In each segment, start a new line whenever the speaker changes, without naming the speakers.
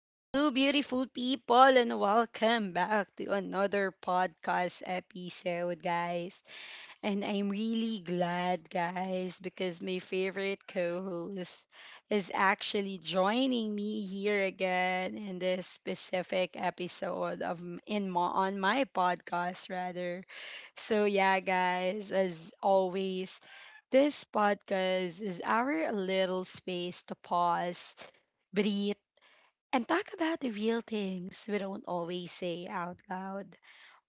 Hello, beautiful people, and welcome back to another podcast episode, guys. And I'm really glad, guys, because my favorite co host is actually joining me here again in this specific episode on my podcast rather. So yeah, guys, as always, this podcast is our little space to pause, breathe, and talk about the real things we don't always say out loud,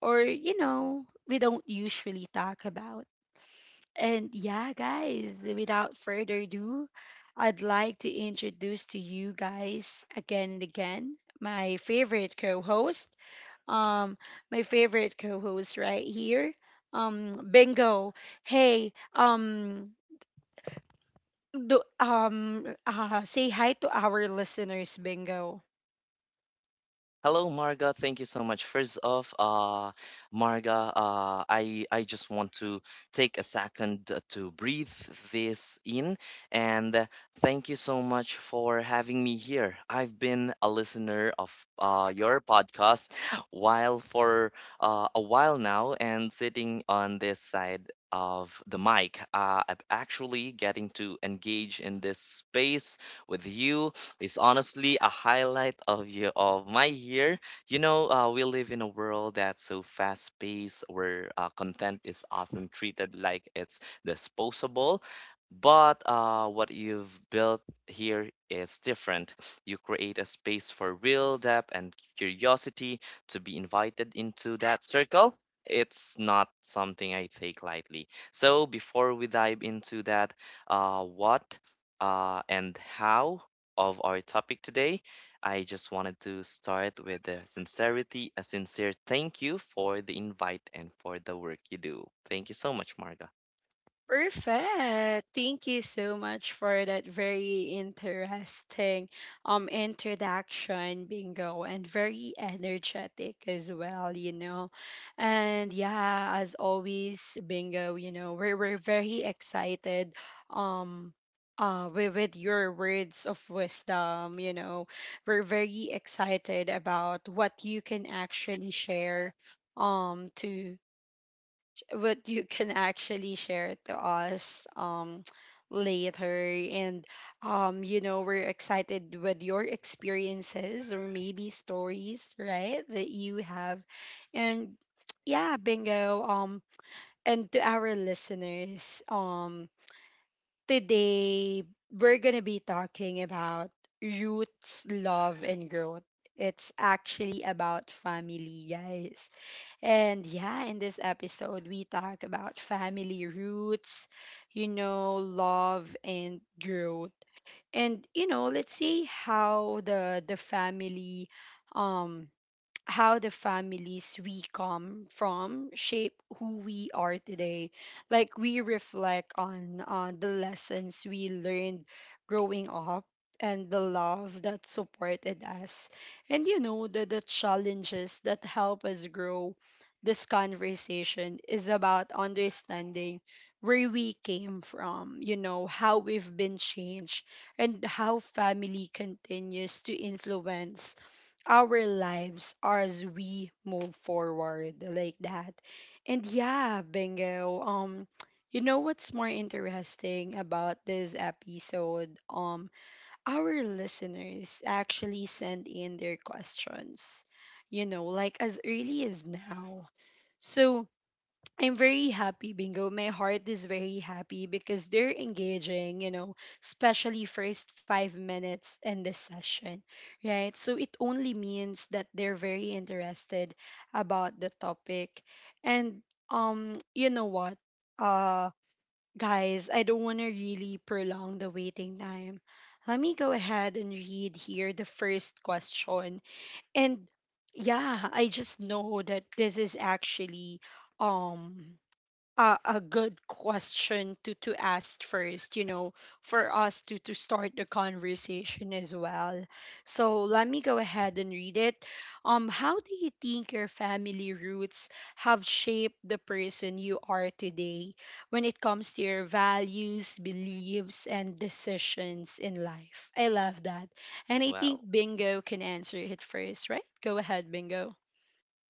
or we don't usually talk about. And yeah, guys, without further ado, I'd like to introduce to you guys again and again um my favorite co-host right here, Bingo. Hey. Say hi to our listeners, Bingo.
Hello, Marga. Thank you so much. First off, Marga, I just want to take a second to breathe this in, and thank you so much for having me here. I've been a listener of your podcast while for a while now, and sitting on this side of the mic, I'm actually getting to engage in this space with you is honestly a highlight of your of my year. You know, we live in a world that's so fast-paced, where content is often treated like it's disposable. But what you've built here is different. You create a space for real depth and curiosity to be invited into that circle. It's not something I take lightly. So before we dive into that, what and how of our topic today. I just wanted to start with the sincerity, a sincere thank you for the invite and for the work you do. Thank you so much, Marga.
Perfect. Thank you so much for that very interesting introduction, Bingo, and very energetic as well. And yeah, as always, Bingo, we're very excited, um with your words of wisdom. We're very excited about what you can actually share, to what you can actually share to us, later. And we're excited with your experiences, or maybe stories, right, that you have. And yeah, Bingo. And to our listeners, today we're going to be talking about roots, love, and growth. It's actually about family, guys. And yeah, in this episode, we talk about family roots, love and growth. And, let's see how the family um how the families we come from shape who we are today. Like, we reflect on the lessons we learned growing up, and the love that supported us. And the challenges that help us grow. This conversation is about understanding where we came from, how we've been changed, and how family continues to influence our lives as we move forward, like that. And yeah, Bingo. You know what's more interesting about this episode? Our listeners actually send in their questions, as early as now. So I'm very happy, Bingo. My heart is very happy because they're engaging, especially first 5 minutes in this session, right? So it only means that they're very interested about the topic. And you know what? Uh Guys, I don't wanna really prolong the waiting time. Let me go ahead and read here the first question. And yeah, I just know that this is actually um a good question to ask first, for us to start the conversation as well. So let me go ahead and read it. How do you think your family roots have shaped the person you are today when it comes to your values, beliefs, and decisions in life? I love that. And I think
Wow.
Bingo can answer it first, right? Go ahead, Bingo.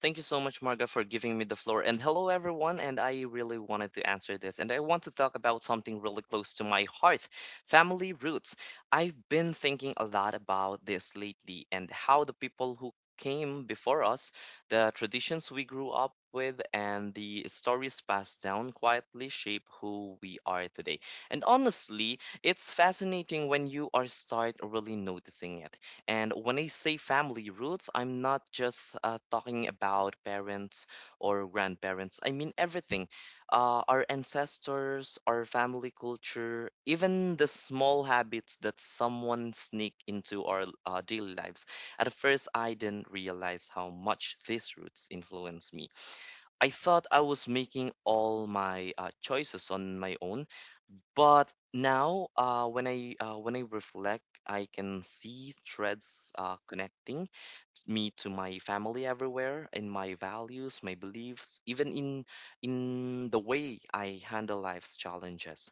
Thank you so much, Marga, for giving me the floor. And hello, everyone. And I really wanted to answer this. And I want to talk about something really close to my heart, family roots. I've been thinking a lot about this lately and how the people who came before us, the traditions we grew up with, and the stories passed down quietly shape who we are today. And honestly, it's fascinating when you are start really noticing it. And when I say family roots, I'm not just talking about parents or grandparents. I mean everything. Our ancestors, our family culture, even the small habits that someone sneak into our daily lives. At first, I didn't realize how much these roots influenced me. I thought I was making all my choices on my own, but now, when I reflect, I can see threads connecting me to my family everywhere, in my values, my beliefs, even in the way I handle life's challenges.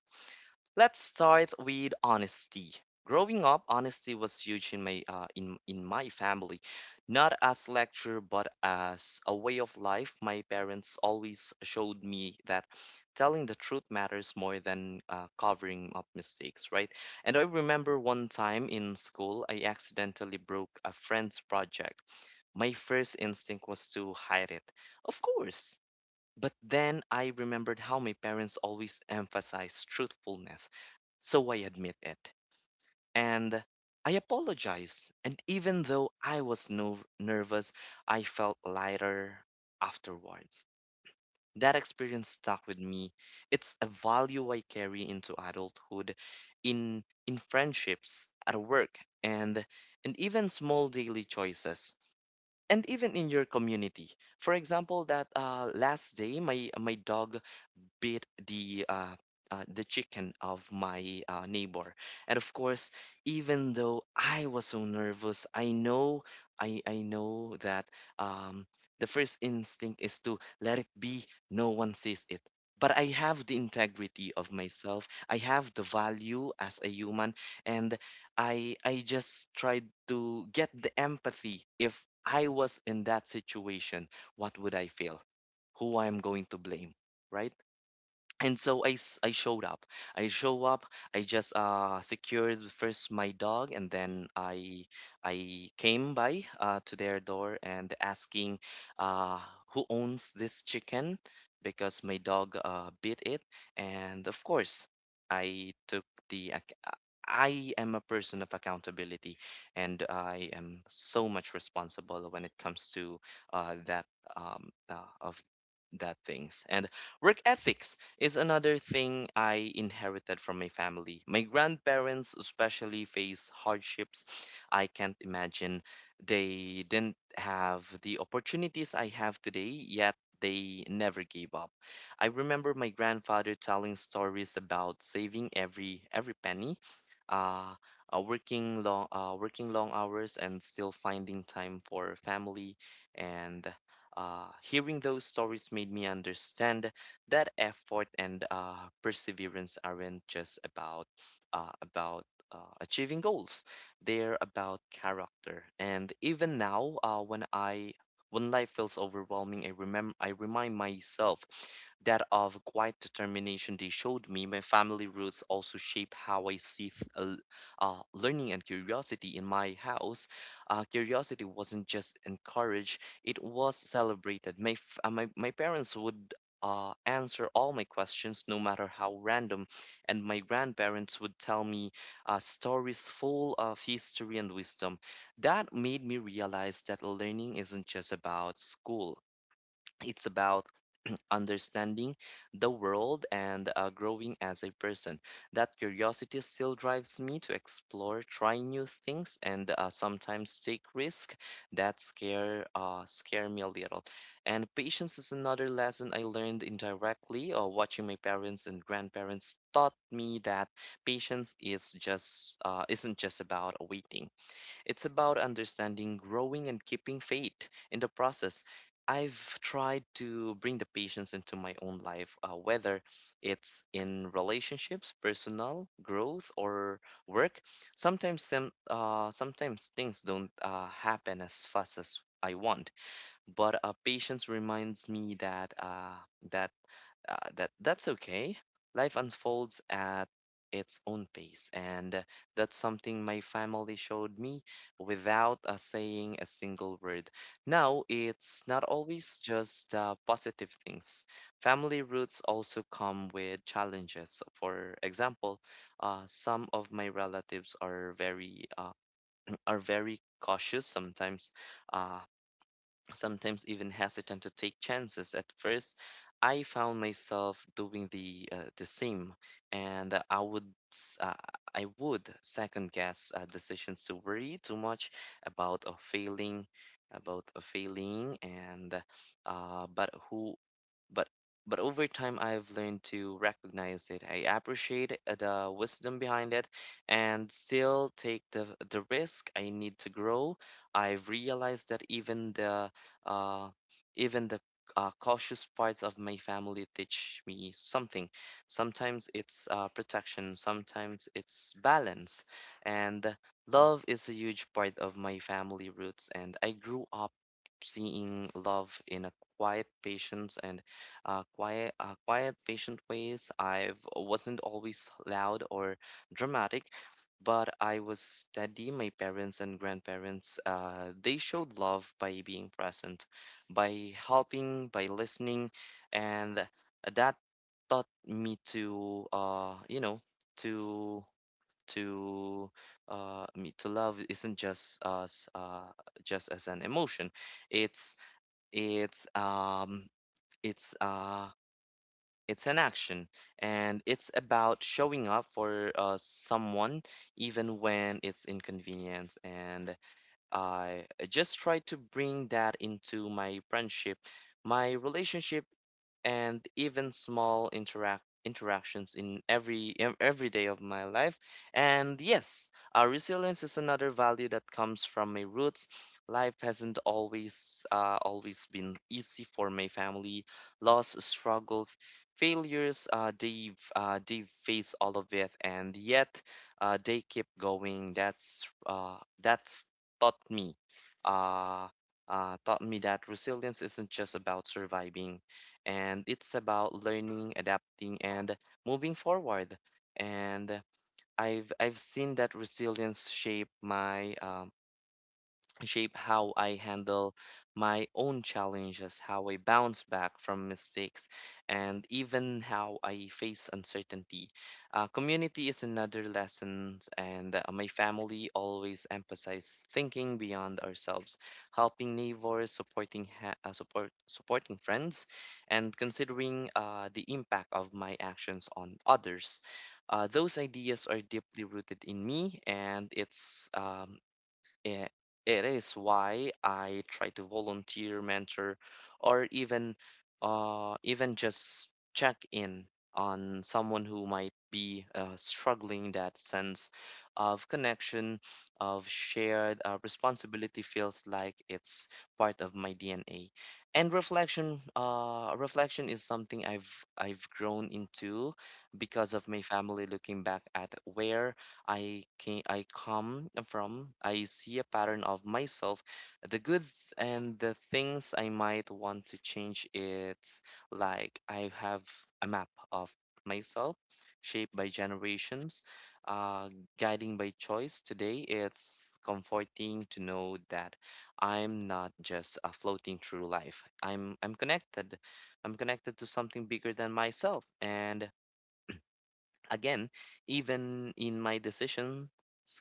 Let's start with honesty. Growing up, honesty was huge in my family, not as lecture but as a way of life. My parents always showed me that telling the truth matters more than covering up mistakes, right? And I remember one time in school, I accidentally broke a friend's project. My first instinct was to hide it. Of course, but then I remembered how my parents always emphasized truthfulness, so I admit it. And I apologize. And even though I was nervous, I felt lighter afterwards. That experience stuck with me. It's a value I carry into adulthood, in friendships, at work, and even small daily choices, and even in your community. For example, that last day, my dog beat the chicken of my neighbor. And of course, even though I was so nervous, I know I know that um, the first instinct is to let it be. No one sees it. But I have the integrity of myself. I have the value as a human, and I just tried to get the empathy. If I was in that situation, what would I feel? Who I'm going to blame, right? And so I showed up. I show up. I just secured first my dog, and then I came by to their door and asking uh, who owns this chicken because my dog bit it. And of course, I took the ac- uh, I am a person of accountability, and I am so much responsible when it comes to uh, that um, uh, of that things, and work ethics is another thing I inherited from my family. My grandparents, especially, faced hardships I can't imagine. They didn't have the opportunities I have today, yet they never gave up. I remember my grandfather telling stories about saving every penny, uh, working long hours and still finding time for family, and hearing those stories made me understand that effort and perseverance aren't just about achieving goals. They're about character. And even now, when life feels overwhelming, I remind myself that of quiet determination they showed me. My family roots also shape how I see learning and curiosity in my house. Curiosity wasn't just encouraged; it was celebrated. My, f- my my parents would answer all my questions, no matter how random. And my grandparents would tell me stories full of history and wisdom. That made me realize that learning isn't just about school. It's about understanding the world and growing as a person. That curiosity still drives me to explore, try new things, and sometimes take risk that scare me a little. And patience is another lesson I learned indirectly or watching my parents and grandparents taught me that patience is just isn't just about waiting. It's about understanding, growing, and keeping faith in the process. I've tried to bring the patience into my own life, whether it's in relationships, personal growth, or work. Sometimes things don't happen as fast as I want, but patience reminds me that that that's okay. Life unfolds at its own pace, and that's something my family showed me without saying a single word. Now, it's not always just positive things. Family roots also come with challenges. For example, some of my relatives are very cautious sometimes. Uh, Sometimes even hesitant to take chances at first, I found myself doing the same, and s- uh, I would second guess decisions, to worry too much about a failing about a failing, and but who but but over time I've learned to recognize it. I appreciate the wisdom behind it and still take the risk I need to grow. I've realized that uh, even the cautious parts of my family teach me something. Sometimes it's protection, sometimes it's balance. And love is a huge part of my family roots. And I grew up seeing love in a quiet patience and quiet patient ways. I wasn't always loud or dramatic, but I was steady. My parents and grandparents, they showed love by being present, by helping, by listening, and that taught me to, you know, to to me to, love isn't just as an emotion. it's it's um it's uh it's an action, and it's about showing up for someone even when it's inconvenient. And I just try to bring that into my friendship, my relationship, and even small interactions in every day of my life. And yes, resilience is another value that comes from my roots. Life hasn't always been easy for my family. Loss, struggles, failures, they face all of it, and yet they keep going. That's taught me uh, taught me that resilience isn't just about surviving, and it's about learning, adapting, and moving forward. And I've seen that resilience shape how I handle my own challenges, how I bounce back from mistakes, and even how I face uncertainty. Community is another lesson, and my family always emphasize thinking beyond ourselves, helping neighbors, supporting ha- support supporting friends, and considering the impact of my actions on others. Those ideas are deeply rooted in me, and Eh, It is why I try to volunteer, mentor, or even even just check in on someone who might be struggling. That sense of connection, of shared responsibility feels like it's part of my DNA. And reflection, reflection is something I've grown into because of my family, looking back at where I come from. I see a pattern of myself, the good and the things I might want to change. It's like I have a map of myself, shaped by generations, uh, guiding by choice. Today, it's comforting to know that I'm not just floating through life. I'm connected. I'm connected to something bigger than myself, and again, even in my decisions,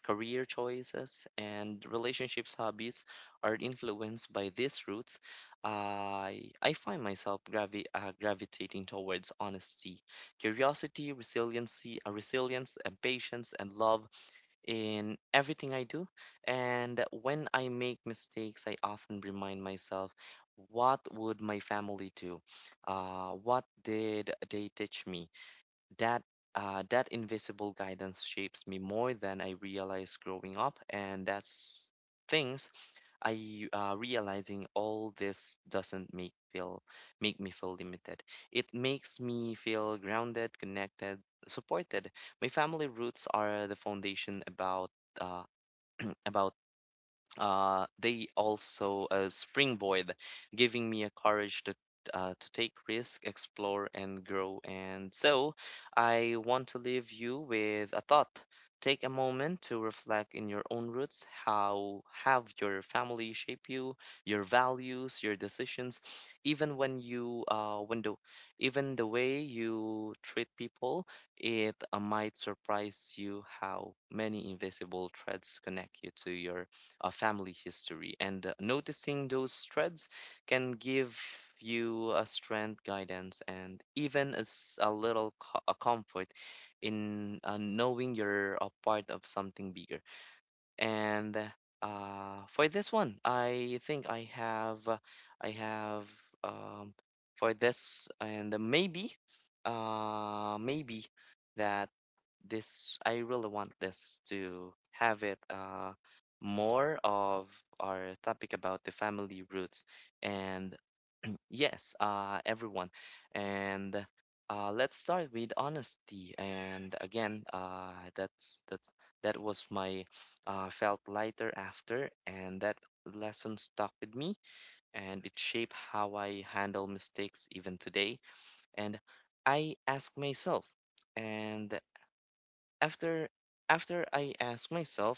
career choices, and relationships, hobbies are influenced by these roots. I find myself gravitating towards honesty, curiosity, resilience, and patience, and love in everything I do. And when I make mistakes, I often remind myself. What would my family do? What did they teach me? That that invisible guidance shapes me more than I realized growing up, and that's things I realizing all this doesn't make me feel limited. It makes me feel grounded, connected, supported. My family roots are the foundation about uh, about they also springboard, giving me a courage to to take risk, explore, and grow. And so, I want to leave you with a thought. Take a moment to reflect in your own roots. How have your family shape you, your values, your decisions, even when you when the even the way you treat people. It might surprise you how many invisible threads connect you to your family history. And noticing those threads can give you a strength, guidance, and even as a little a comfort in knowing you're a part of something bigger. And for this one, I think I have um, for this, and maybe, maybe that this, I really want this to have it more of our topic about the family roots. And yes, everyone. And let's start with honesty. And again, that was my felt lighter after, and that lesson stuck with me, and it shaped how I handle mistakes even today. And I ask myself, and after after I ask myself,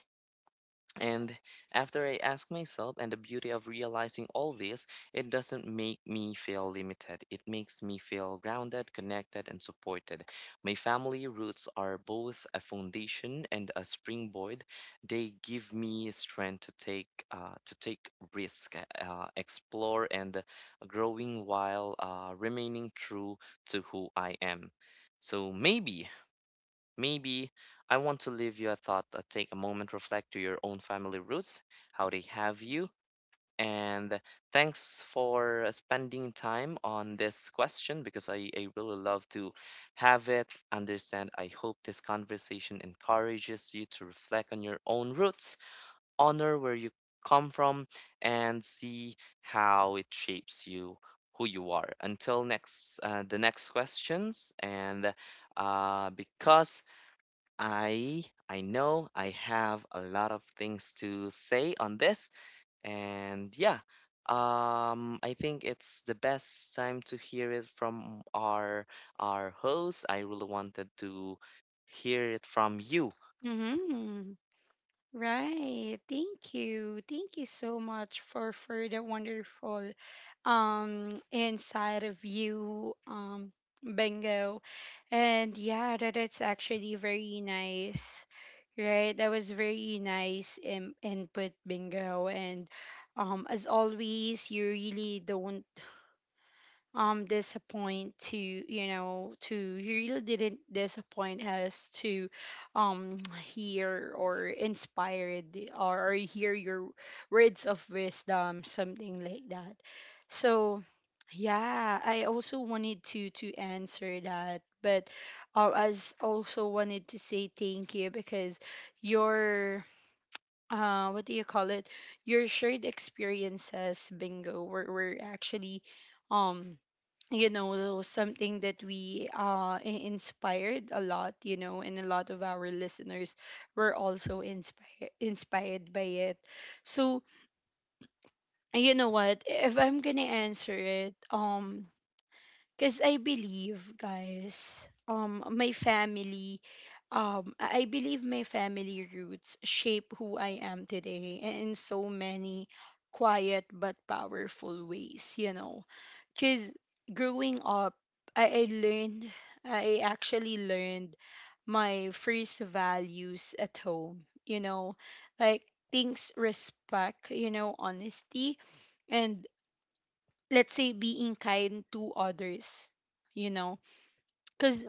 and After I ask myself, and the beauty of realizing all this, it doesn't make me feel limited. It makes me feel grounded, connected, and supported. My family roots are both a foundation and a springboard. They give me strength to take risk, explore, and growing while remaining true to who I am. So maybe. Maybe I want to leave you a thought that take a moment reflect to your own family roots, how they have you. And thanks for spending time on this question because I really love to have it, understand. I hope this conversation encourages you to reflect on your own roots, honor where you come from, and see how it shapes you, who you are. Until the next questions, and because I know I have a lot of things to say on this. And yeah, I think it's the best time to hear it from our host. I really wanted to hear it from you.
Mhm. Right. Thank you. Thank you so much for the wonderful inside of you, Bingo. And yeah, that, it's actually very nice. Right? That was very nice in input, Bingo. And as always, you really don't disappoint to, he really didn't disappoint us to um hear or inspired, or hear your words of wisdom, something like that. So yeah, I also wanted to answer that. But I, also wanted to say thank you, because your, what do you call it, your shared experiences, Bingo, were actually, um something that we, inspired a lot, and a lot of our listeners were also inspired by it. So, you know what, if I'm gonna answer it, because I believe, guys, my family I believe my family roots shape who I am today in so many quiet but powerful ways, you know. Because growing up, I learned, I actually learned my first values at home, you know. Like, things, respect, honesty, and let's say being kind to others, you know. Because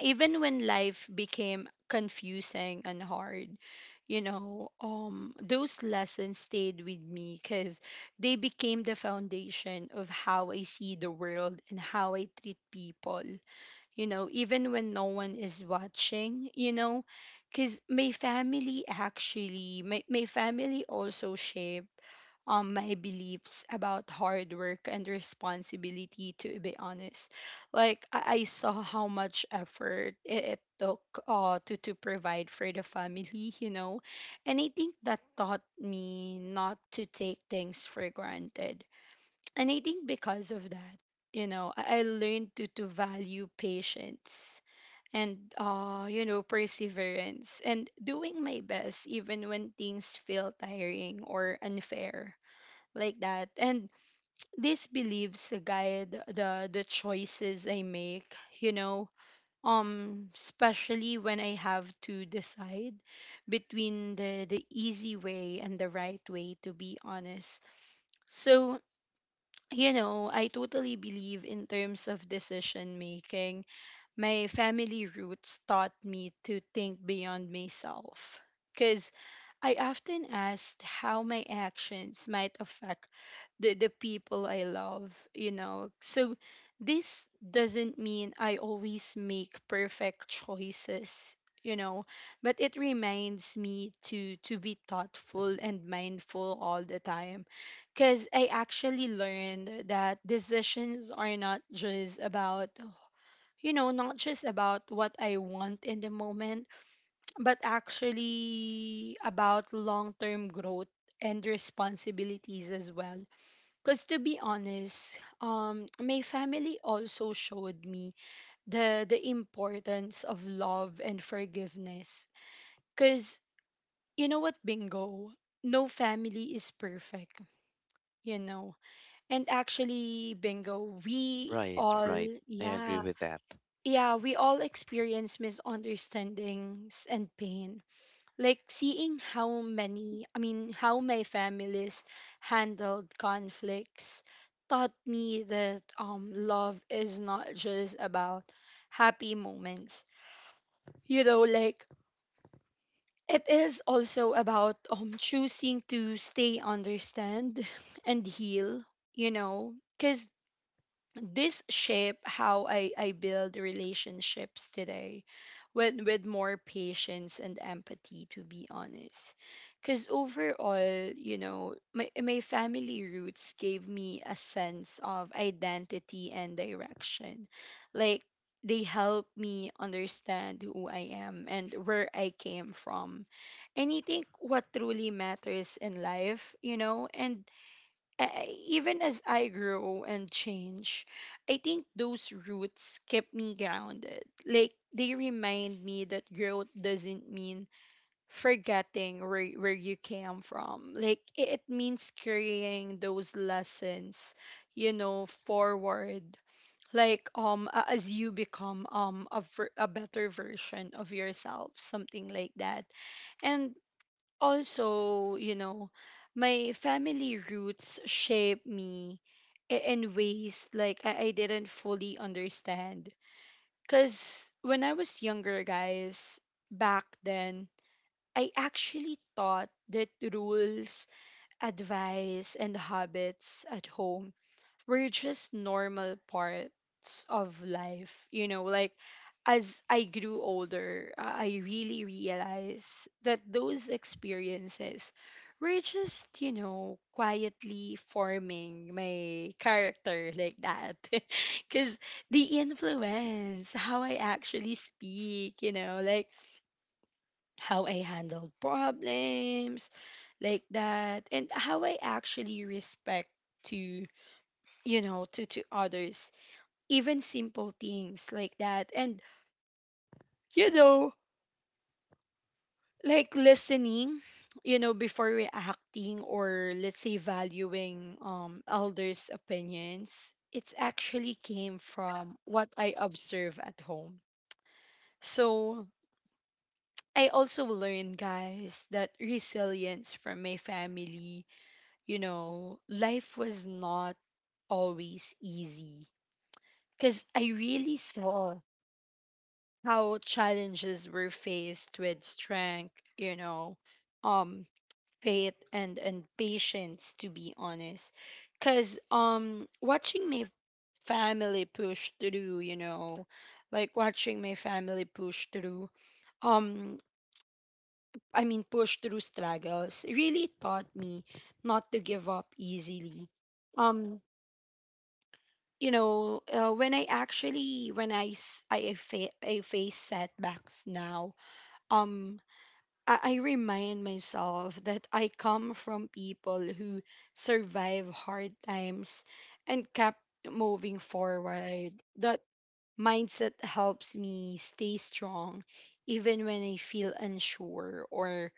even when life became confusing and hard, those lessons stayed with me, cuz they became the foundation of how I see the world and how I treat people, even when no one is watching. Cuz my family also shaped my beliefs about hard work and responsibility, to be honest. Like, I saw how much effort it took, to, provide for the family. And I think that taught me not to take things for granted. And I think because of that, I learned to value patience, and perseverance, and doing my best even when things feel tiring or unfair, like that. And these beliefs guide the choices I make you know Especially when I have to decide between the easy way and the right way, to be honest. So, I totally believe, in terms of decision making, my family roots taught me to think beyond myself, because I often asked how my actions might affect the people I love. So this doesn't mean I always make perfect choices, you know, but it reminds me to be thoughtful and mindful all the time. Cuz I actually learned that decisions are not just about what I want in the moment, but actually about long-term growth and responsibilities as well. Because, to be honest, my family also showed me the importance of love and forgiveness. Because, you know what, Bingo, no family is perfect, you know. And actually, Bingo, we
Right,
all,
right. I agree
yeah,
with that.
yeah, we all experience misunderstandings and pain. Like, seeing how many I mean how my families handled conflicts taught me that love is not just about happy moments, you know like it is also about choosing to stay, understand, and heal, because this shape how I build relationships today with more patience and empathy, to be honest. Because overall, you know my, my family roots gave me a sense of identity and direction. Like, they help me understand who I am and where I came from, and I think what truly matters in life, and even as I grow and change, I think those roots kept me grounded. Like, they remind me that growth doesn't mean forgetting where you came from. Like, it means carrying those lessons, forward. Like, as you become, a better version of yourself, something like that. And also, my family roots shape me, in ways like I didn't fully understand. Because when I was younger, guys, back then, I actually thought that rules, advice, and habits at home we're just normal parts of life. Like, as I grew older, I really realized that those experiences were just quietly forming my character, like that. Because they influence how I actually speak, like how I handle problems, like that, and how I actually respect to, to others, even simple things like that. And, you know, like, listening, before reacting, or let's say valuing, elders' opinions, it's actually came from what I observe at home. So I also learned, guys, that resilience from my family. Life was not always easy. Because I really saw how challenges were faced with strength, um, faith, and patience, to be honest. Cause watching my family push through, watching my family push through, um I mean, push through struggles, really taught me not to give up easily. Um I face setbacks now. um I remind myself that I come from people who survive hard times and kept moving forward. That mindset helps me stay strong even when I feel unsure, or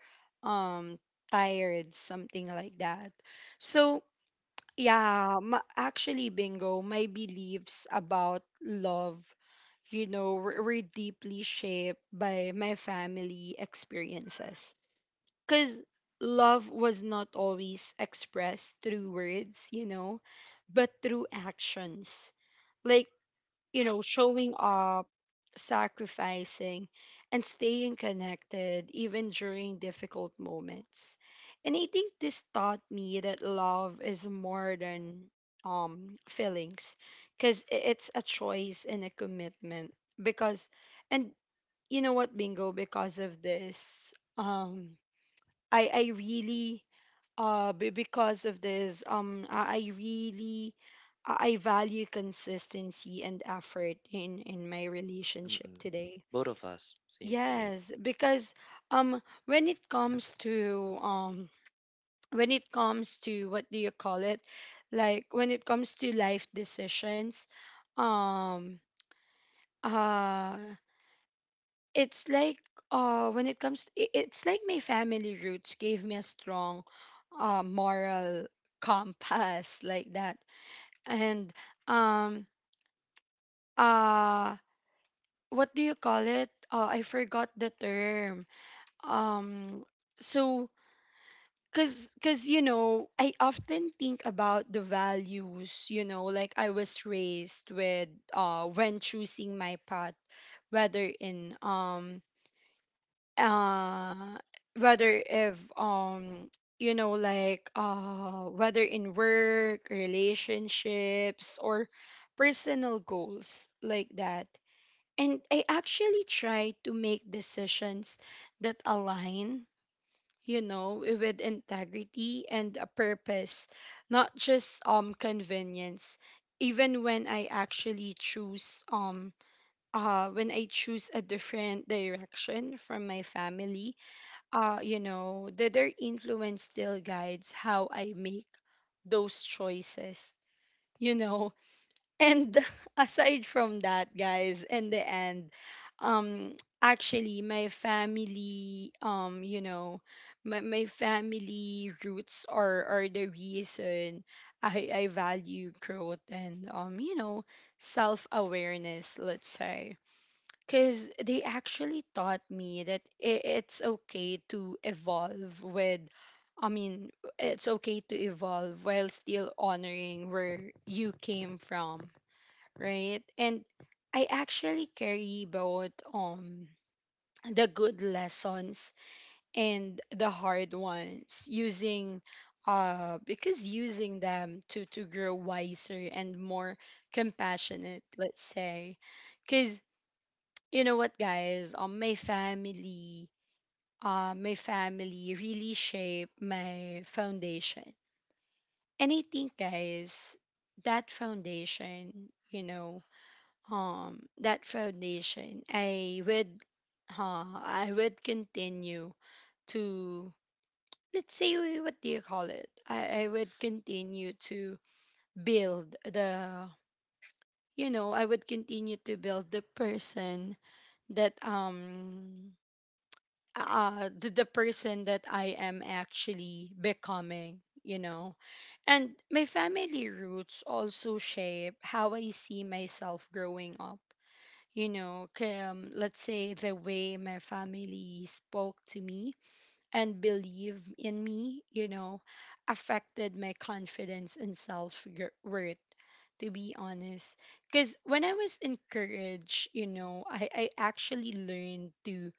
um tired, something like that. So yeah, actually, Bingo, my beliefs about love, were deeply shaped by my family experiences, because love was not always expressed through words, but through actions. Like, showing up, sacrificing, and staying connected even during difficult moments. And I think this taught me that love is more than feelings because it's a choice and a commitment. Because and you know what, Bingo? Because of this um I really be- because of this I really I value consistency and effort in my relationship
Mm-mm.
today.
Both of us seem to me.
Yes, because when it comes to, when it comes to, what do you call it, like when it comes to life decisions, um uh it's like, when it comes I- it's like my family roots gave me a strong moral compass like that. And um uh what do you call it, I forgot the term. um so, cuz you know, I often think about the values, you know, like I was raised with, when choosing my path, whether in uh whether if you know, like, whether in work relationships or personal goals, like that. And I actually try to make decisions that align, you know, with integrity and a purpose, not just convenience. Even when I actually choose when I choose a different direction from my family, you know, that their influence still guides how I make those choices, you know. And aside from that, guys, in the end, actually, my family, you know, my family roots are the reason I value growth and, you know, self awareness, let's say, because they actually taught me that, I- it's okay to evolve with I mean, it's okay to evolve while still honoring where you came from, right. And I actually carry both, the good lessons and the hard ones, using them to grow wiser and more compassionate, let's say. Because you know what, guys, my family really shaped my foundation. And I think, guys, that foundation, you know, that foundation I would I would continue to, let's say, what do you call it, I would continue to build the, you know I would continue to build that um the person that I am actually becoming, you know. And my family roots also shape how I see myself growing up. You know, 'Kay, let's say the way my family spoke to me and believe in me, you know, affected my confidence and self worth, to be honest. Because when I was encouraged, you know, I actually learned to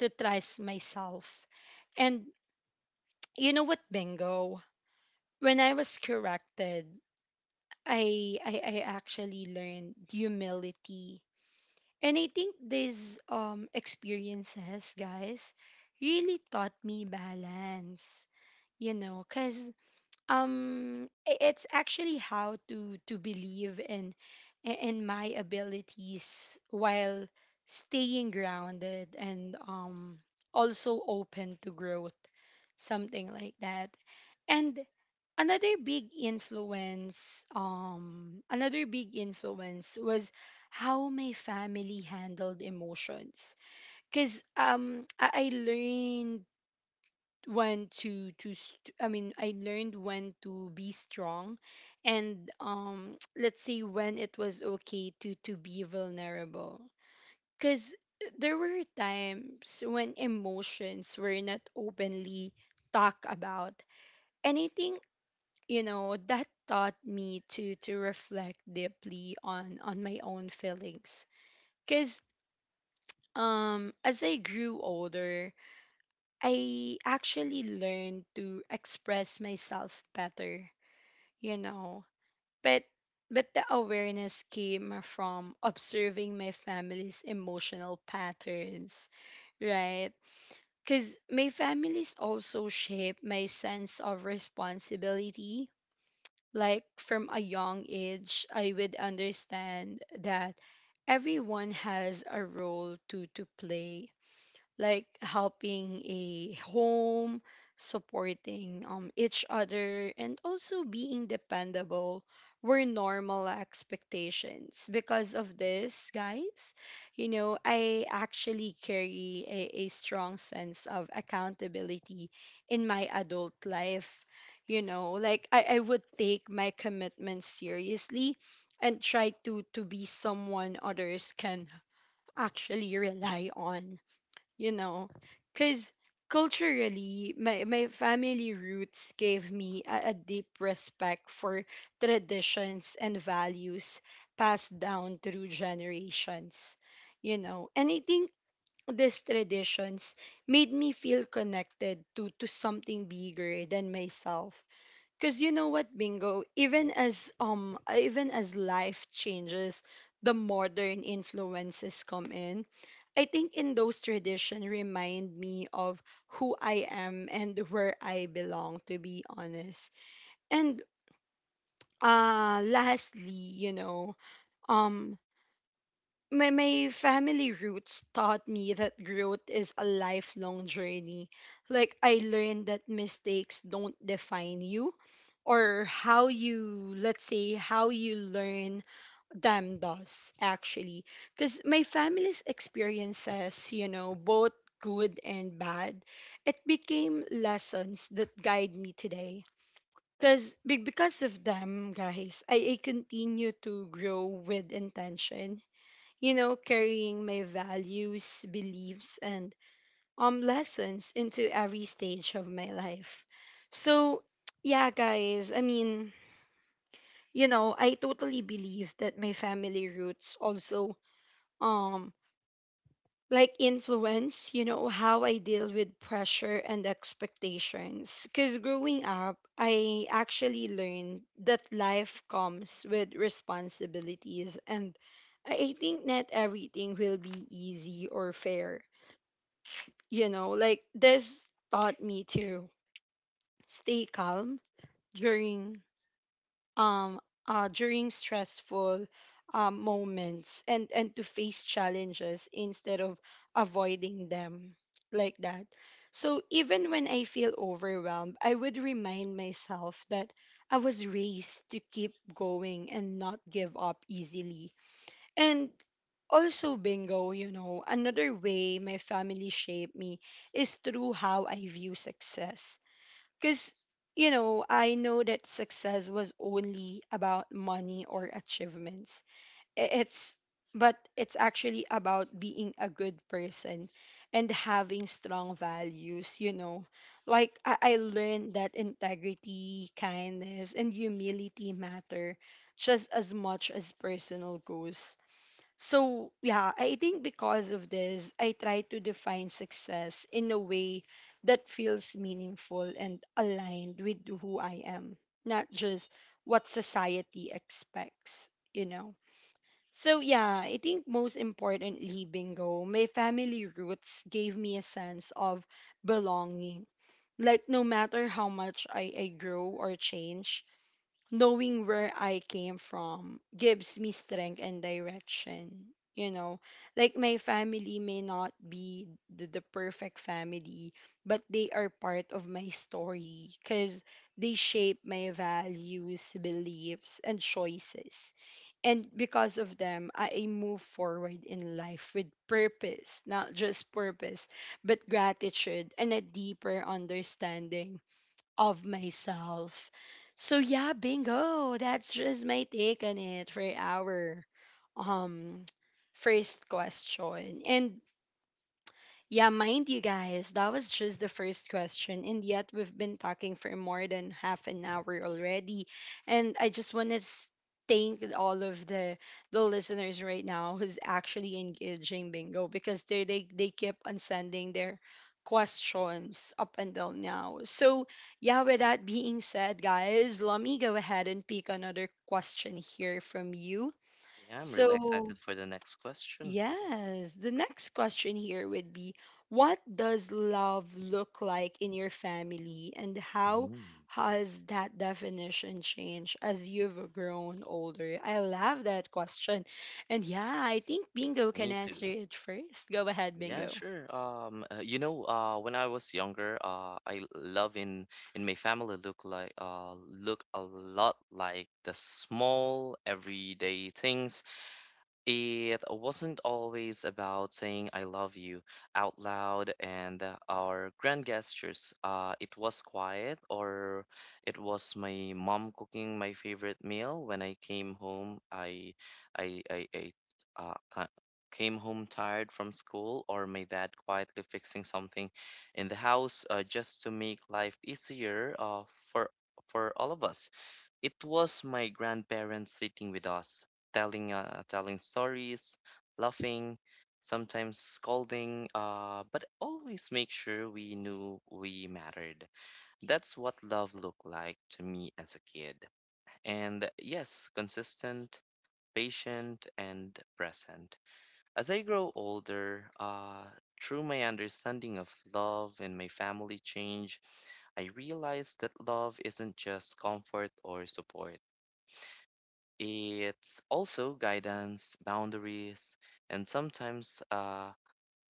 to trust myself. And you know what, Bingo? When I was corrected, I actually learned humility. And I think these experiences, guys, really taught me balance, you know, because it's actually how to believe in, in my abilities while staying grounded and also open to growth, something like that. And another big influence was how my family handled emotions, because I learned when to st- I mean, I learned when to be strong, and let's say when it was okay to be vulnerable, because there were times when emotions were not openly talked about anything, you know, that taught me to reflect deeply on my own feelings. Because as I grew older, I actually learned to express myself better, you know. But the awareness came from observing my family's emotional patterns, right? Cuz my family's also shaped my sense of responsibility. Like from a young age, I would understand that everyone has a role to play, like helping a home, supporting, each other, and also being dependable were normal expectations. Because of this, guys, you know, I actually carry a strong sense of accountability in my adult life. You know, like I would take my commitments seriously and try to be someone others can actually rely on, you know. Because culturally, my family roots gave me a deep respect for traditions and values passed down through generations, you know. And I think these traditions made me feel connected to something bigger than myself. Cause you know what, Bingo, even as life changes, the modern influences come in, I think. In those tradition remind me of who I am and where I belong, to be honest. And lastly, you know, um my family roots taught me that growth is a lifelong journey. Like, I learned that mistakes don't define you, or how you, let's say, how you learn them does, actually. Because my family's experiences, you know, both good and bad, it became lessons that guide me today. Because of them, guys, I continue to grow with intention, you know, carrying my values, beliefs, and lessons into every stage of my life. So, yeah, guys, I mean, you know, I totally believe that my family roots also um like influence, you know, how I deal with pressure and expectations. Because growing up, I actually learned that life comes with responsibilities, and I think not everything will be easy or fair. You know, like this taught me to stay calm during um during stressful, moments and to face challenges instead of avoiding them, like that. So even when I feel overwhelmed, I would remind myself that I was raised to keep going and not give up easily. And also, Bingo, you know, another way my family shaped me is through how I view success, because, you know, I know that success was only about money or achievements. I- It's, but it's actually about being a good person and having strong values, you know. Like, I learned that integrity, kindness, and humility matter just as much as personal goals. So, yeah, I think because of this, I try to define success in a way that feels meaningful and aligned with who I am, not just what society expects, you know. So, yeah, I think most importantly, Bingo, my family roots gave me a sense of belonging. Like, no matter how much I grow or change, knowing where I came from gives me strength and direction. You know, like my family may not be the perfect family, but they are part of my story because they shape my values, beliefs, and choices. And because of them, I move forward in life with purpose, not just purpose, but gratitude and a deeper understanding of myself. So yeah, Bingo. That's just my take on it for our um first question. And yeah, mind you, guys, that was just the first question, and yet we've been talking for more than half an hour already. And I just want to thank all of the listeners right now who's actually engaging, Bingo, because they keep on sending their questions up until now. So yeah, with that being said, guys, let me go ahead and pick another question here from you.
Yeah, I'm
So,
really excited for the next question.
yes. The next question here would be: what does love look like in your family, and how
Mhm.
has that definition changed as you've grown older? I love that question. And yeah, I think Bingo can
Me
answer
too.
it first. Go ahead,
Yeah,
Bingo.
sure. You know, when I was younger, I love in my family look a lot like the small everyday things. It wasn't always about saying I love you out loud and our grand gestures. It was quiet, or it was my mom cooking my favorite meal. When I came home, I uh, ca- came home tired from school, or my dad quietly fixing something in the house just to make life easier for for all of us. It was my grandparents sitting with us, telling telling stories, laughing, sometimes scolding, but always make sure we knew we mattered. That's what love looked like to me as a kid. And yes, consistent, patient, and present. As I grow older, through my understanding of love and my family change, I realized that love isn't just comfort or support. It's also guidance, boundaries, and sometimes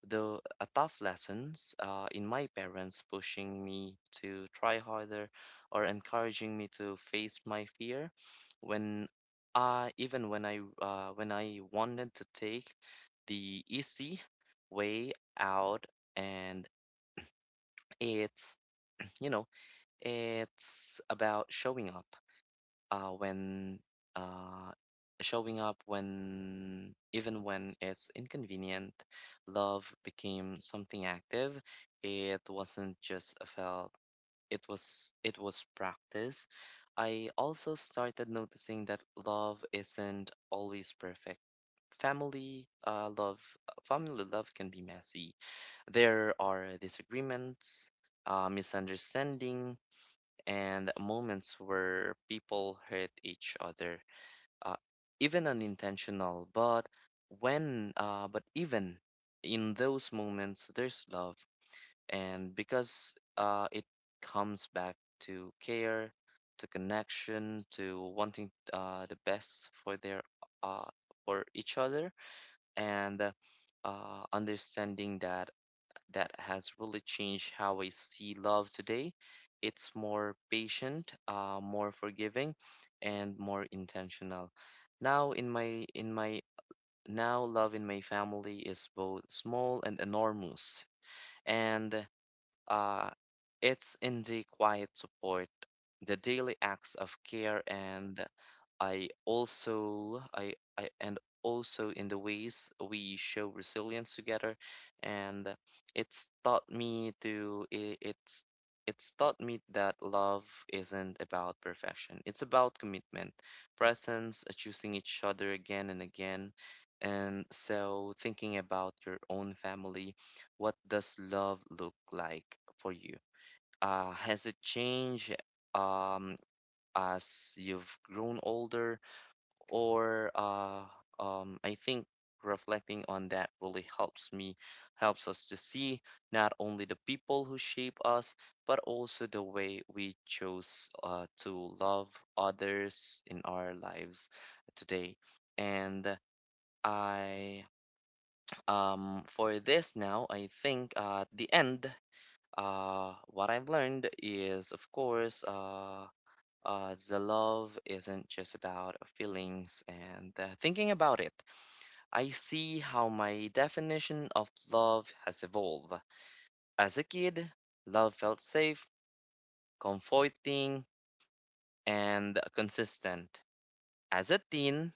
though a tough lessons in my parents pushing me to try harder or encouraging me to face my fear when I even when I wanted to take the easy way out. And it's, you know, it's about showing up when uh, showing up when even when it's inconvenient, love became something active. It wasn't just a felt. It was practice. I also started noticing that love isn't always perfect. Family uh, love Family love can be messy. There are disagreements, misunderstandings and moments where people hurt each other, uh, even unintentional. But even in those moments, there's love, and because it comes back to care, to connection, to wanting the best for their uh, for each other, and understanding that. That has really changed how I see love today. It's more patient, more forgiving, and more intentional. Now in my in my Now love in my family is both small and enormous. And uh, it's in the quiet support, the daily acts of care, and I also I and also in the ways we show resilience together, and it's taught me to i- it's it's taught me that love isn't about perfection. It's about commitment, presence, choosing each other again and again. And so thinking about your own family, what does love look like for you? Has it changed um, as you've grown older? Or I think reflecting on that really helps us to see not only the people who shape us, but also the way we chose to love others in our lives today. And I for this now, I think at the end what I've learned is, of course, the love isn't just about feelings, and thinking about it, I see how my definition of love has evolved. As a kid, love felt safe, comforting, and consistent. As a teen,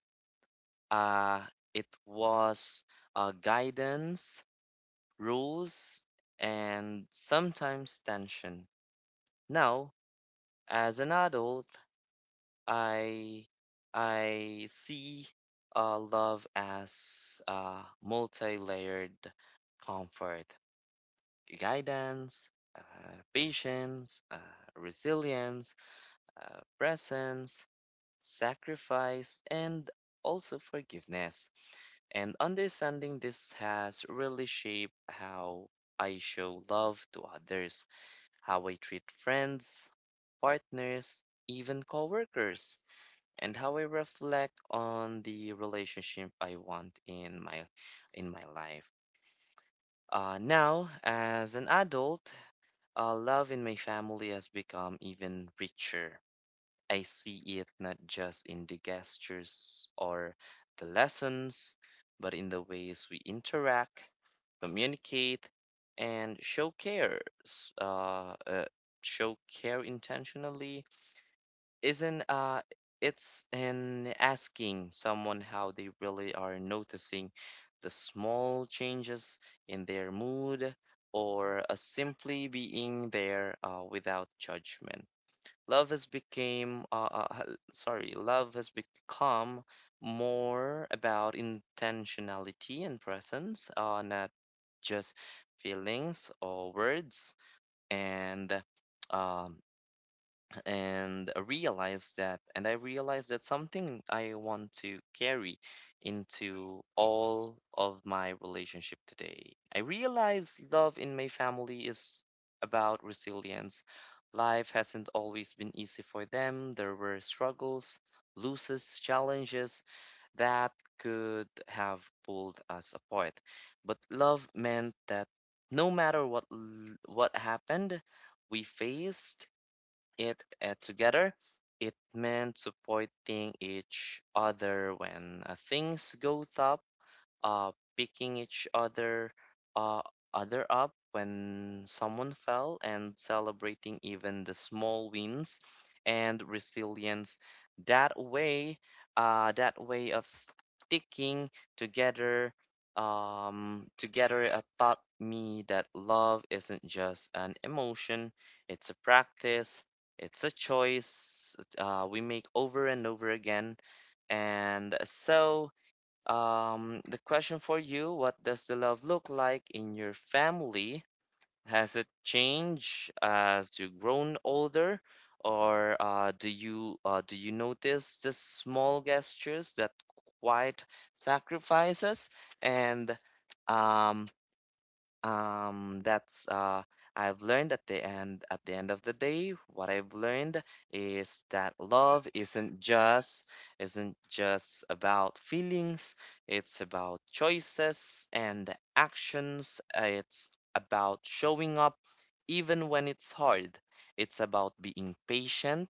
uh, it was guidance, rules, and sometimes tension. Now, as an adult, I I see love as multi-layered: comfort, guidance, uh, patience, resilience, presence, sacrifice, and also forgiveness. And understanding this has really shaped how I show love to others, how I treat friends, partners, even coworkers, and how I reflect on the relationship I want in my life. Now, as an adult, love in my family has become even richer. I see it not just in the gestures or the lessons, but in the ways we interact, communicate, and show care. Show care intentionally. Isn't It's in asking someone how they really are, noticing the small changes in their mood, or simply being there without judgment. Love has became h- sorry Love has become more about intentionality and presence, not just feelings or words. And um, I realized that something I want to carry into all of my relationship today. I realize love in my family is about resilience. Life hasn't always been easy for them. There were struggles, losses, challenges that could have pulled us apart, but love meant that no matter what happened, we faced it together. It meant supporting each other when things go tough, uh, picking each other uh, other up when someone fell, and celebrating even the small wins. And resilience, that way that way of sticking together together taught me that love isn't just an emotion. It's a practice. It's a choice we make over and over again. And so, the question for you, what does the love look like in your family? Has it changed as you've grown older, or do you notice the small gestures, that quite sacrifices? And um, that's I've learned at the end of the day, what I've learned is that love isn't just about feelings. It's about choices and actions. It's about showing up even when it's hard. It's about being patient,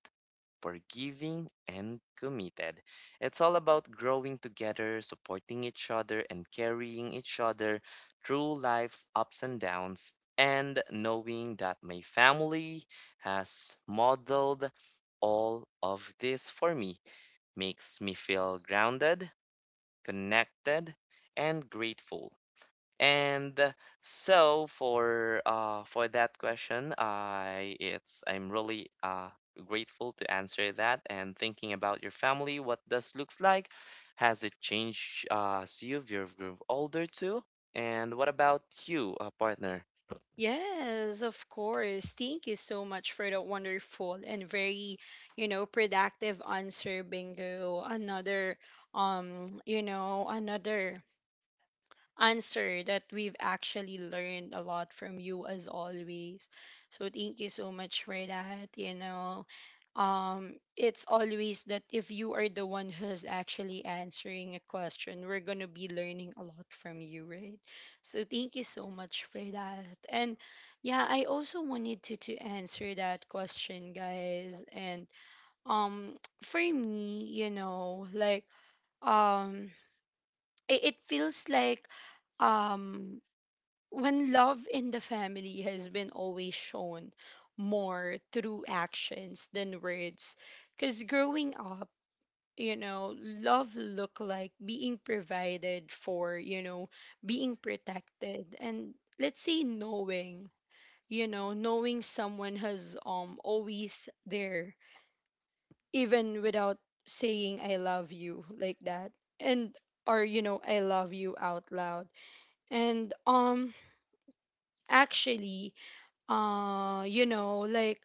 forgiving, and committed. It's all about growing together, supporting each other, and carrying each other through life's ups and downs, and knowing that my family has modeled all of this for me makes me feel grounded, connected, and grateful. And so for that question, I'm really grateful to answer that. And thinking about your family, what does looks like? Has it changed as you've grown older too? And what about you, partner?
Yes, of course. Thank you so much for that wonderful and very, you know, productive answer, Bingo. Another answer that we've actually learned a lot from you, as always. So thank you so much for that. You know, it's always that if you are the one who's actually answering a question, we're gonna be learning a lot from you, right? So thank you so much for that. And yeah, I also wanted to answer that question, guys. And um, for me, you know, like, um, it feels like, um when love in the family has been always shown more through actions than words, because growing up, you know, love looked like being provided for, you know, being protected, and let's say knowing, you know, knowing someone has always there, even without saying I love you, like that, and or you know, I love you out loud. And actually, you know, like,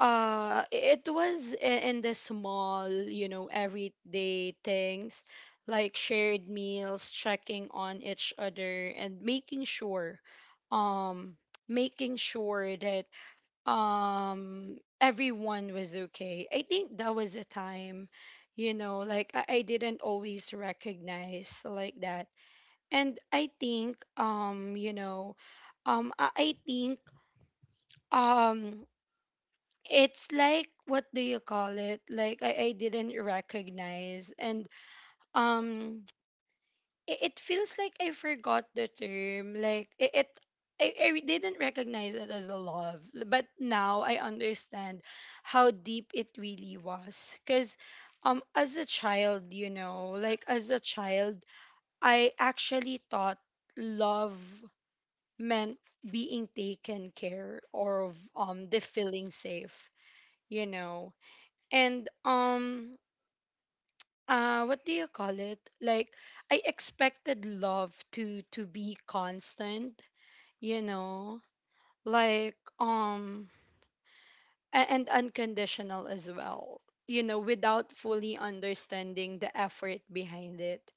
it was, in the small, you know, everyday things, like shared meals, checking on each other, and um making sure that everyone was okay. I think that was a time, you know, like I didn't always recognize, like that. And I think, you know, I think um it's like, what do you call it, like I didn't recognize. And um it feels like I forgot the term, like, it I didn't recognize it as a love, but now I understand how deep it really was. Because as a child, you know, like as a child, I actually thought love meant being taken care of, the feeling safe, you know. And what do you call it? Like, I expected love to be constant, you know, like, and unconditional as well, you know, without fully understanding the effort behind it.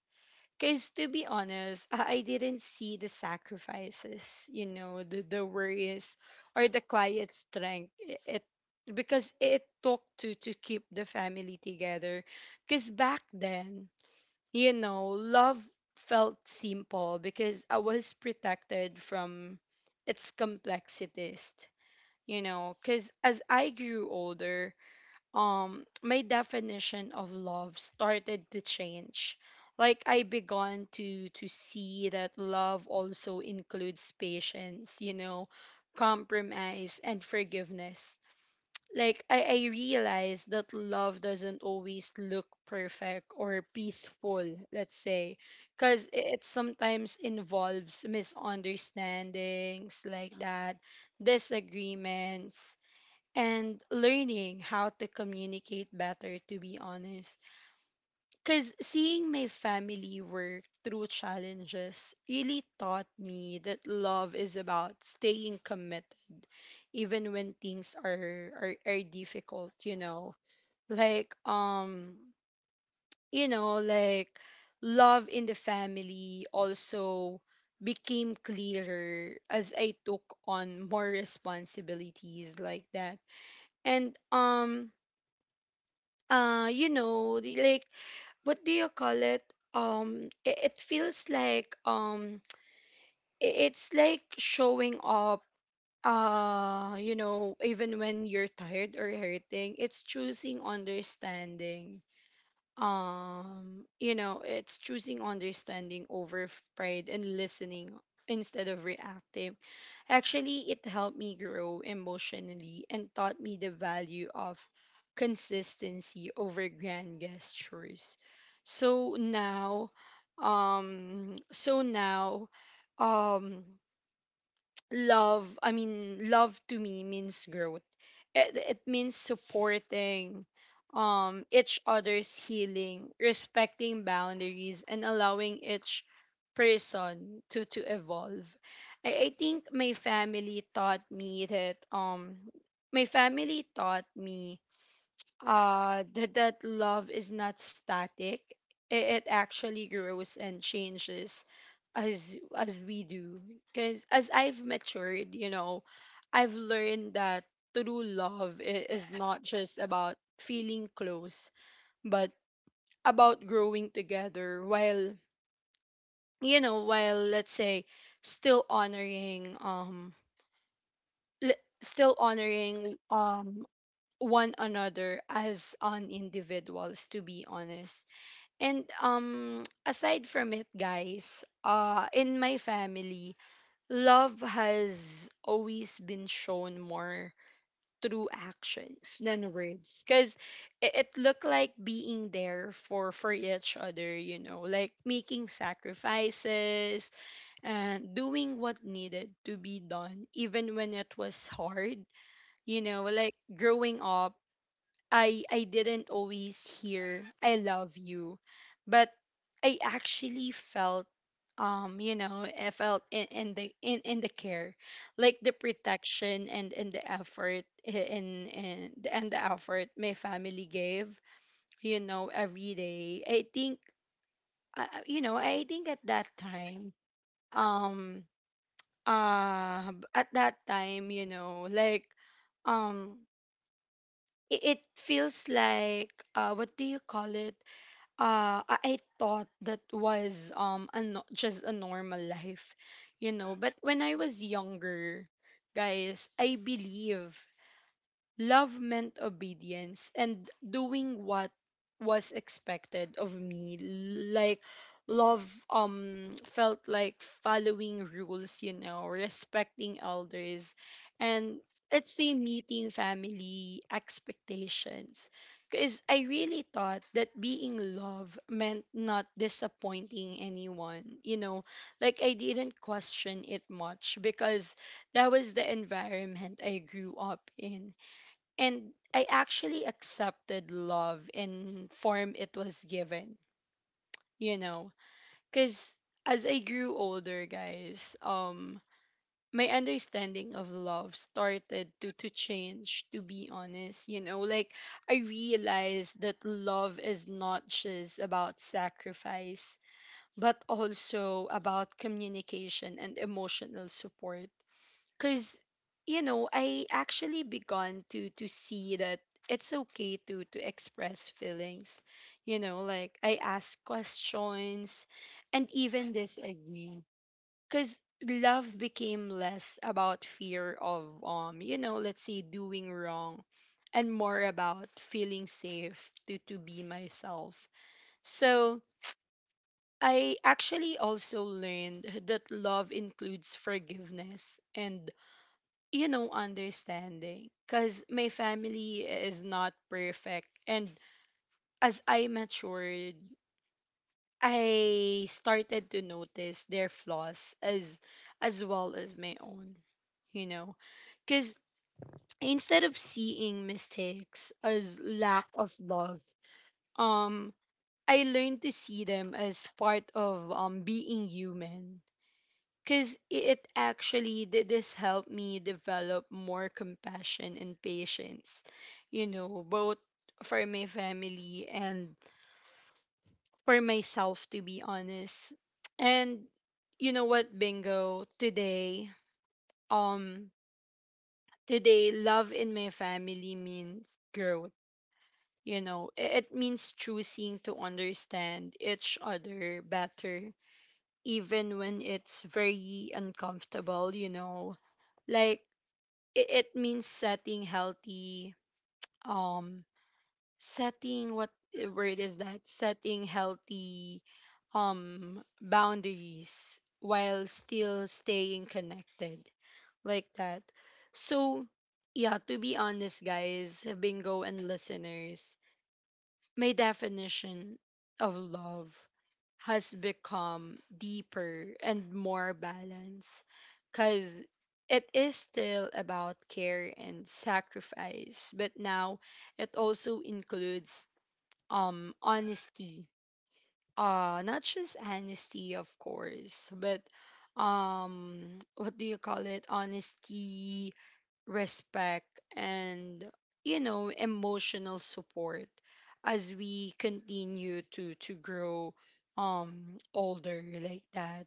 Because, to be honest, I didn't see the sacrifices, you know, the worries or the quiet strength. Because it took to keep the family together. Because back then, you know, love felt simple because I was protected from its complexities. You know, because as I grew older, my definition of love started to change. Like I began to see that love also includes patience, you know, compromise and forgiveness. Like I realized that love doesn't always look perfect or peaceful, let's say, because it sometimes involves misunderstandings, like that, disagreements, and learning how to communicate better, to be honest. Because seeing my family work through challenges really taught me that love is about staying committed, even when things are difficult, you know? Like, like love in the family also became clearer as I took on more responsibilities, like that. And you know like, what do you call it, it, it feels like it's like showing up, you know, even when you're tired or hurting. It's choosing understanding. You know, it's choosing understanding over pride, and listening instead of reactive. Actually, it helped me grow emotionally and taught me the value of consistency over grand gestures. So now, um so now um love, I mean, love to me means growth. It means supporting, each other's healing, respecting boundaries, and allowing each person to evolve. I think my family taught me that, my family taught me that love is not static. It actually grows and changes as we do, because as I've matured, you know, I've learned that true love is not just about feeling close, but about growing together while, you know, while let's say still honoring, l- still honoring, one another as an individuals, to be honest. And aside from it, guys, in my family, love has always been shown more through actions than words, because it looked like being there for each other, you know, like making sacrifices and doing what needed to be done even when it was hard. You know, like, growing up, I didn't always hear I love you, but I actually felt, you know, I felt in the care, like the protection, and the effort in the and the effort my family gave, you know, every day. I think you know, I think at that time, um at that time, you know, like, um it, it feels like what do you call it, I thought that was a no- just a normal life, you know. But when I was younger, guys, I believe love meant obedience and doing what was expected of me. Like, love felt like following rules, you know, respecting elders, and let's say meeting family expectations. Because I really thought that being love meant not disappointing anyone, you know, like I didn't question it much because that was the environment I grew up in, and I actually accepted love in form it was given, you know, cuz as I grew older, guys, my understanding of love started to change, to be honest. You know, like, I realized that love is not just about sacrifice, but also about communication and emotional support, because, you know, I actually begun to see that it's okay to express feelings, you know, like I ask questions and even disagree, because love became less about fear of, you know, let's say doing wrong, and more about feeling safe to be myself. So I actually also learned that love includes forgiveness and, you know, understanding, because my family is not perfect. And as I matured, I started to notice their flaws as well as my own, you know, because, instead of seeing mistakes as lack of love, um, I learned to see them as part of being human, because it actually this helped me develop more compassion and patience, you know, both for my family and for myself, to be honest. And, you know what, Bingo, today, um today love in my family means growth. You know, it means choosing to understand each other better even when it's very uncomfortable, you know, like, it means setting healthy, um setting what, eh, word is that, setting healthy boundaries while still staying connected, like that. So yeah, to be honest, guys, Bingo and listeners, my definition of love has become deeper and more balanced, because it is still about care and sacrifice, but now it also includes, honesty, not just honesty of course, but what do you call it, honesty, respect, and, you know, emotional support as we continue to grow older, like that.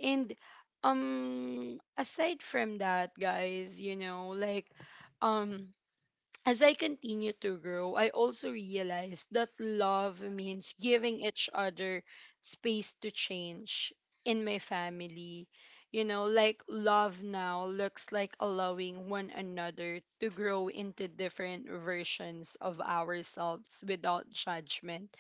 And aside from that, guys, you know, like, um as I continue to grow, I also realized that love means giving each other space to change in my family. You know, like, love now looks like allowing one another to grow into different versions of ourselves without judgment,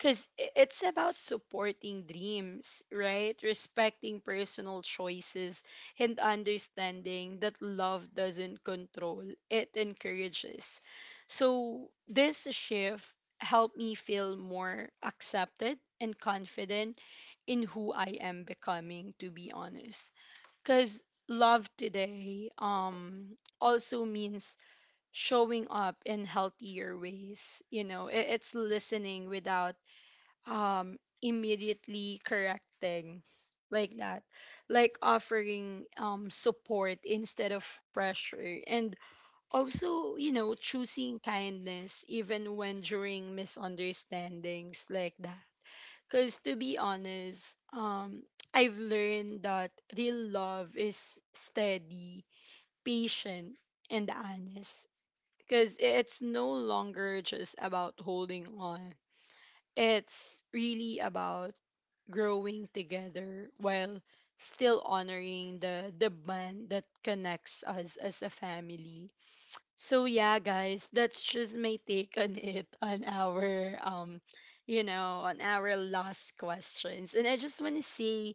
because it's about supporting dreams, right? Respecting personal choices and understanding that love doesn't control, it encourages. So, this shift helped me feel more accepted and confident in who I am becoming, to be honest. Because love today, also means showing up in healthier ways. You know, it's listening without immediately correcting, like that, like offering support instead of pressure, and also, you know, choosing kindness even when during misunderstandings, like that. Because, to be honest, I've learned that real love is steady, patient, and honest, because it's no longer just about holding on, it's really about growing together while still honoring the bond that connects us as a family. So yeah, guys, that's just my take on it, on our you know, on our last questions. And I just want to say,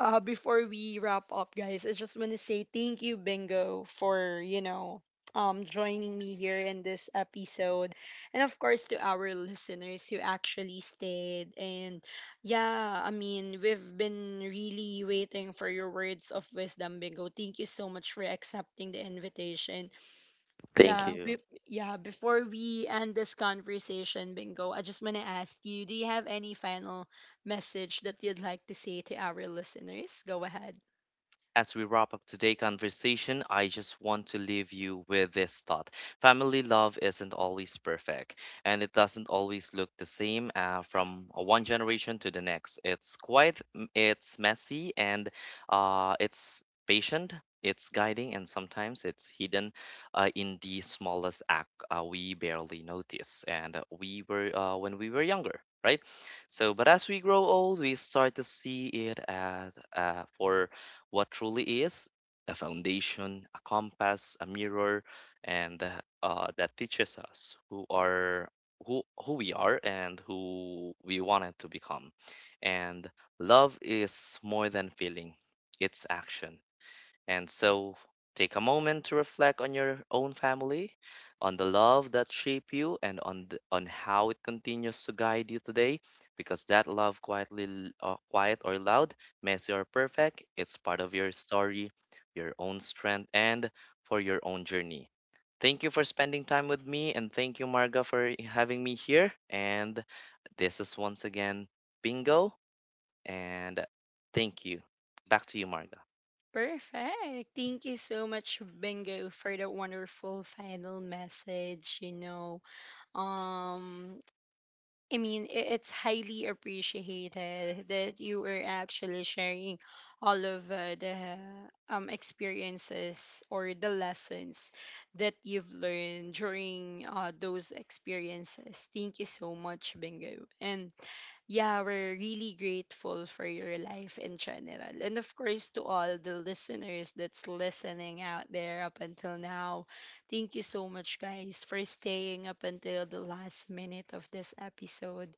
before we wrap up, guys, I just want to say thank you, Bingo, for, you know, joining me here in this episode. And of course, to our listeners who actually stayed. And yeah, I mean, we've been really waiting for your words of wisdom, Bingo. Thank you so much for accepting the invitation.
Thank
yeah, be
you.
yeah, before we end this conversation, Bingo, I just want to ask you, do you have any final message that you'd like to say to our listeners? Go ahead.
As we wrap up today's conversation, I just want to leave you with this thought. Family love isn't always perfect, and it doesn't always look the same from one generation to the next. It's quite, it's messy, and it's patient, it's guiding, and sometimes it's hidden in the smallest act we barely notice. And we were, when we were younger, right? So, but as we grow old, we start to see it as for what truly is: a foundation, a compass, a mirror, and that teaches us who we are and who we wanted to become. And love is more than feeling; it's action. And so take a moment to reflect on your own family, on the love that shaped you, and on on how it continues to guide you today. Because that love, quietly, quiet or loud, messy or perfect, it's part of your story, your own strength, and for your own journey. Thank you for spending time with me, and thank you, Marga, for having me here. And this is once again Bingo, and thank you. Back to you, Marga.
Perfect. Thank you so much, Bingo, for the wonderful final message. You know, um, I mean, it's highly appreciated that you were actually sharing all of the experiences or the lessons that you've learned during those experiences. Thank you so much, Bingo. And yeah, we're really grateful for your life in general. And of course, to all the listeners that's listening out there up until now, thank you so much, guys, for staying up until the last minute of this episode.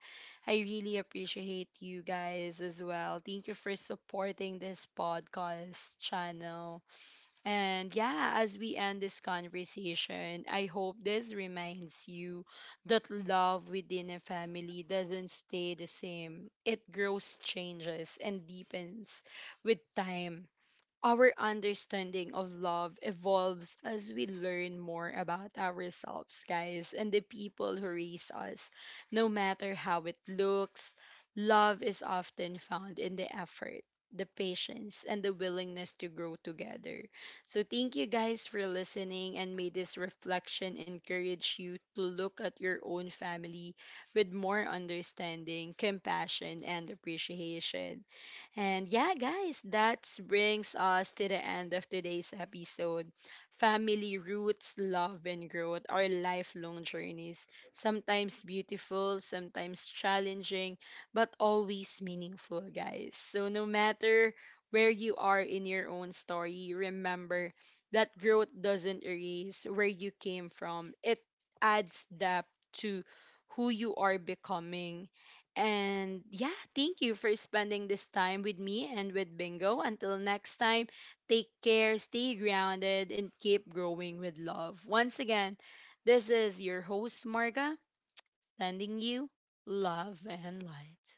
I really appreciate you guys as well. Thank you for supporting this podcast channel. And yeah, as we end this conversation, I hope this reminds you that love within a family doesn't stay the same. It grows, changes, and deepens with time. Our understanding of love evolves as we learn more about ourselves, guys, and the people who raise us. No matter how it looks, love is often found in the effort, the patience, and the willingness to grow together. So, thank you guys for listening, and may this reflection encourage you to look at your own family with more understanding, compassion, and appreciation. And yeah, guys, that brings us to the end of today's episode. Family roots, love, and growth are lifelong journeys, sometimes beautiful, sometimes challenging, but always meaningful, guys. So, no matter where you are in your own story, remember that growth doesn't erase where you came from, it adds depth to who you are becoming. And yeah, thank you for spending this time with me and with Bingo. Until next time, take care, stay grounded, and keep growing with love. Once again, this is your host, Marga, sending you love and light.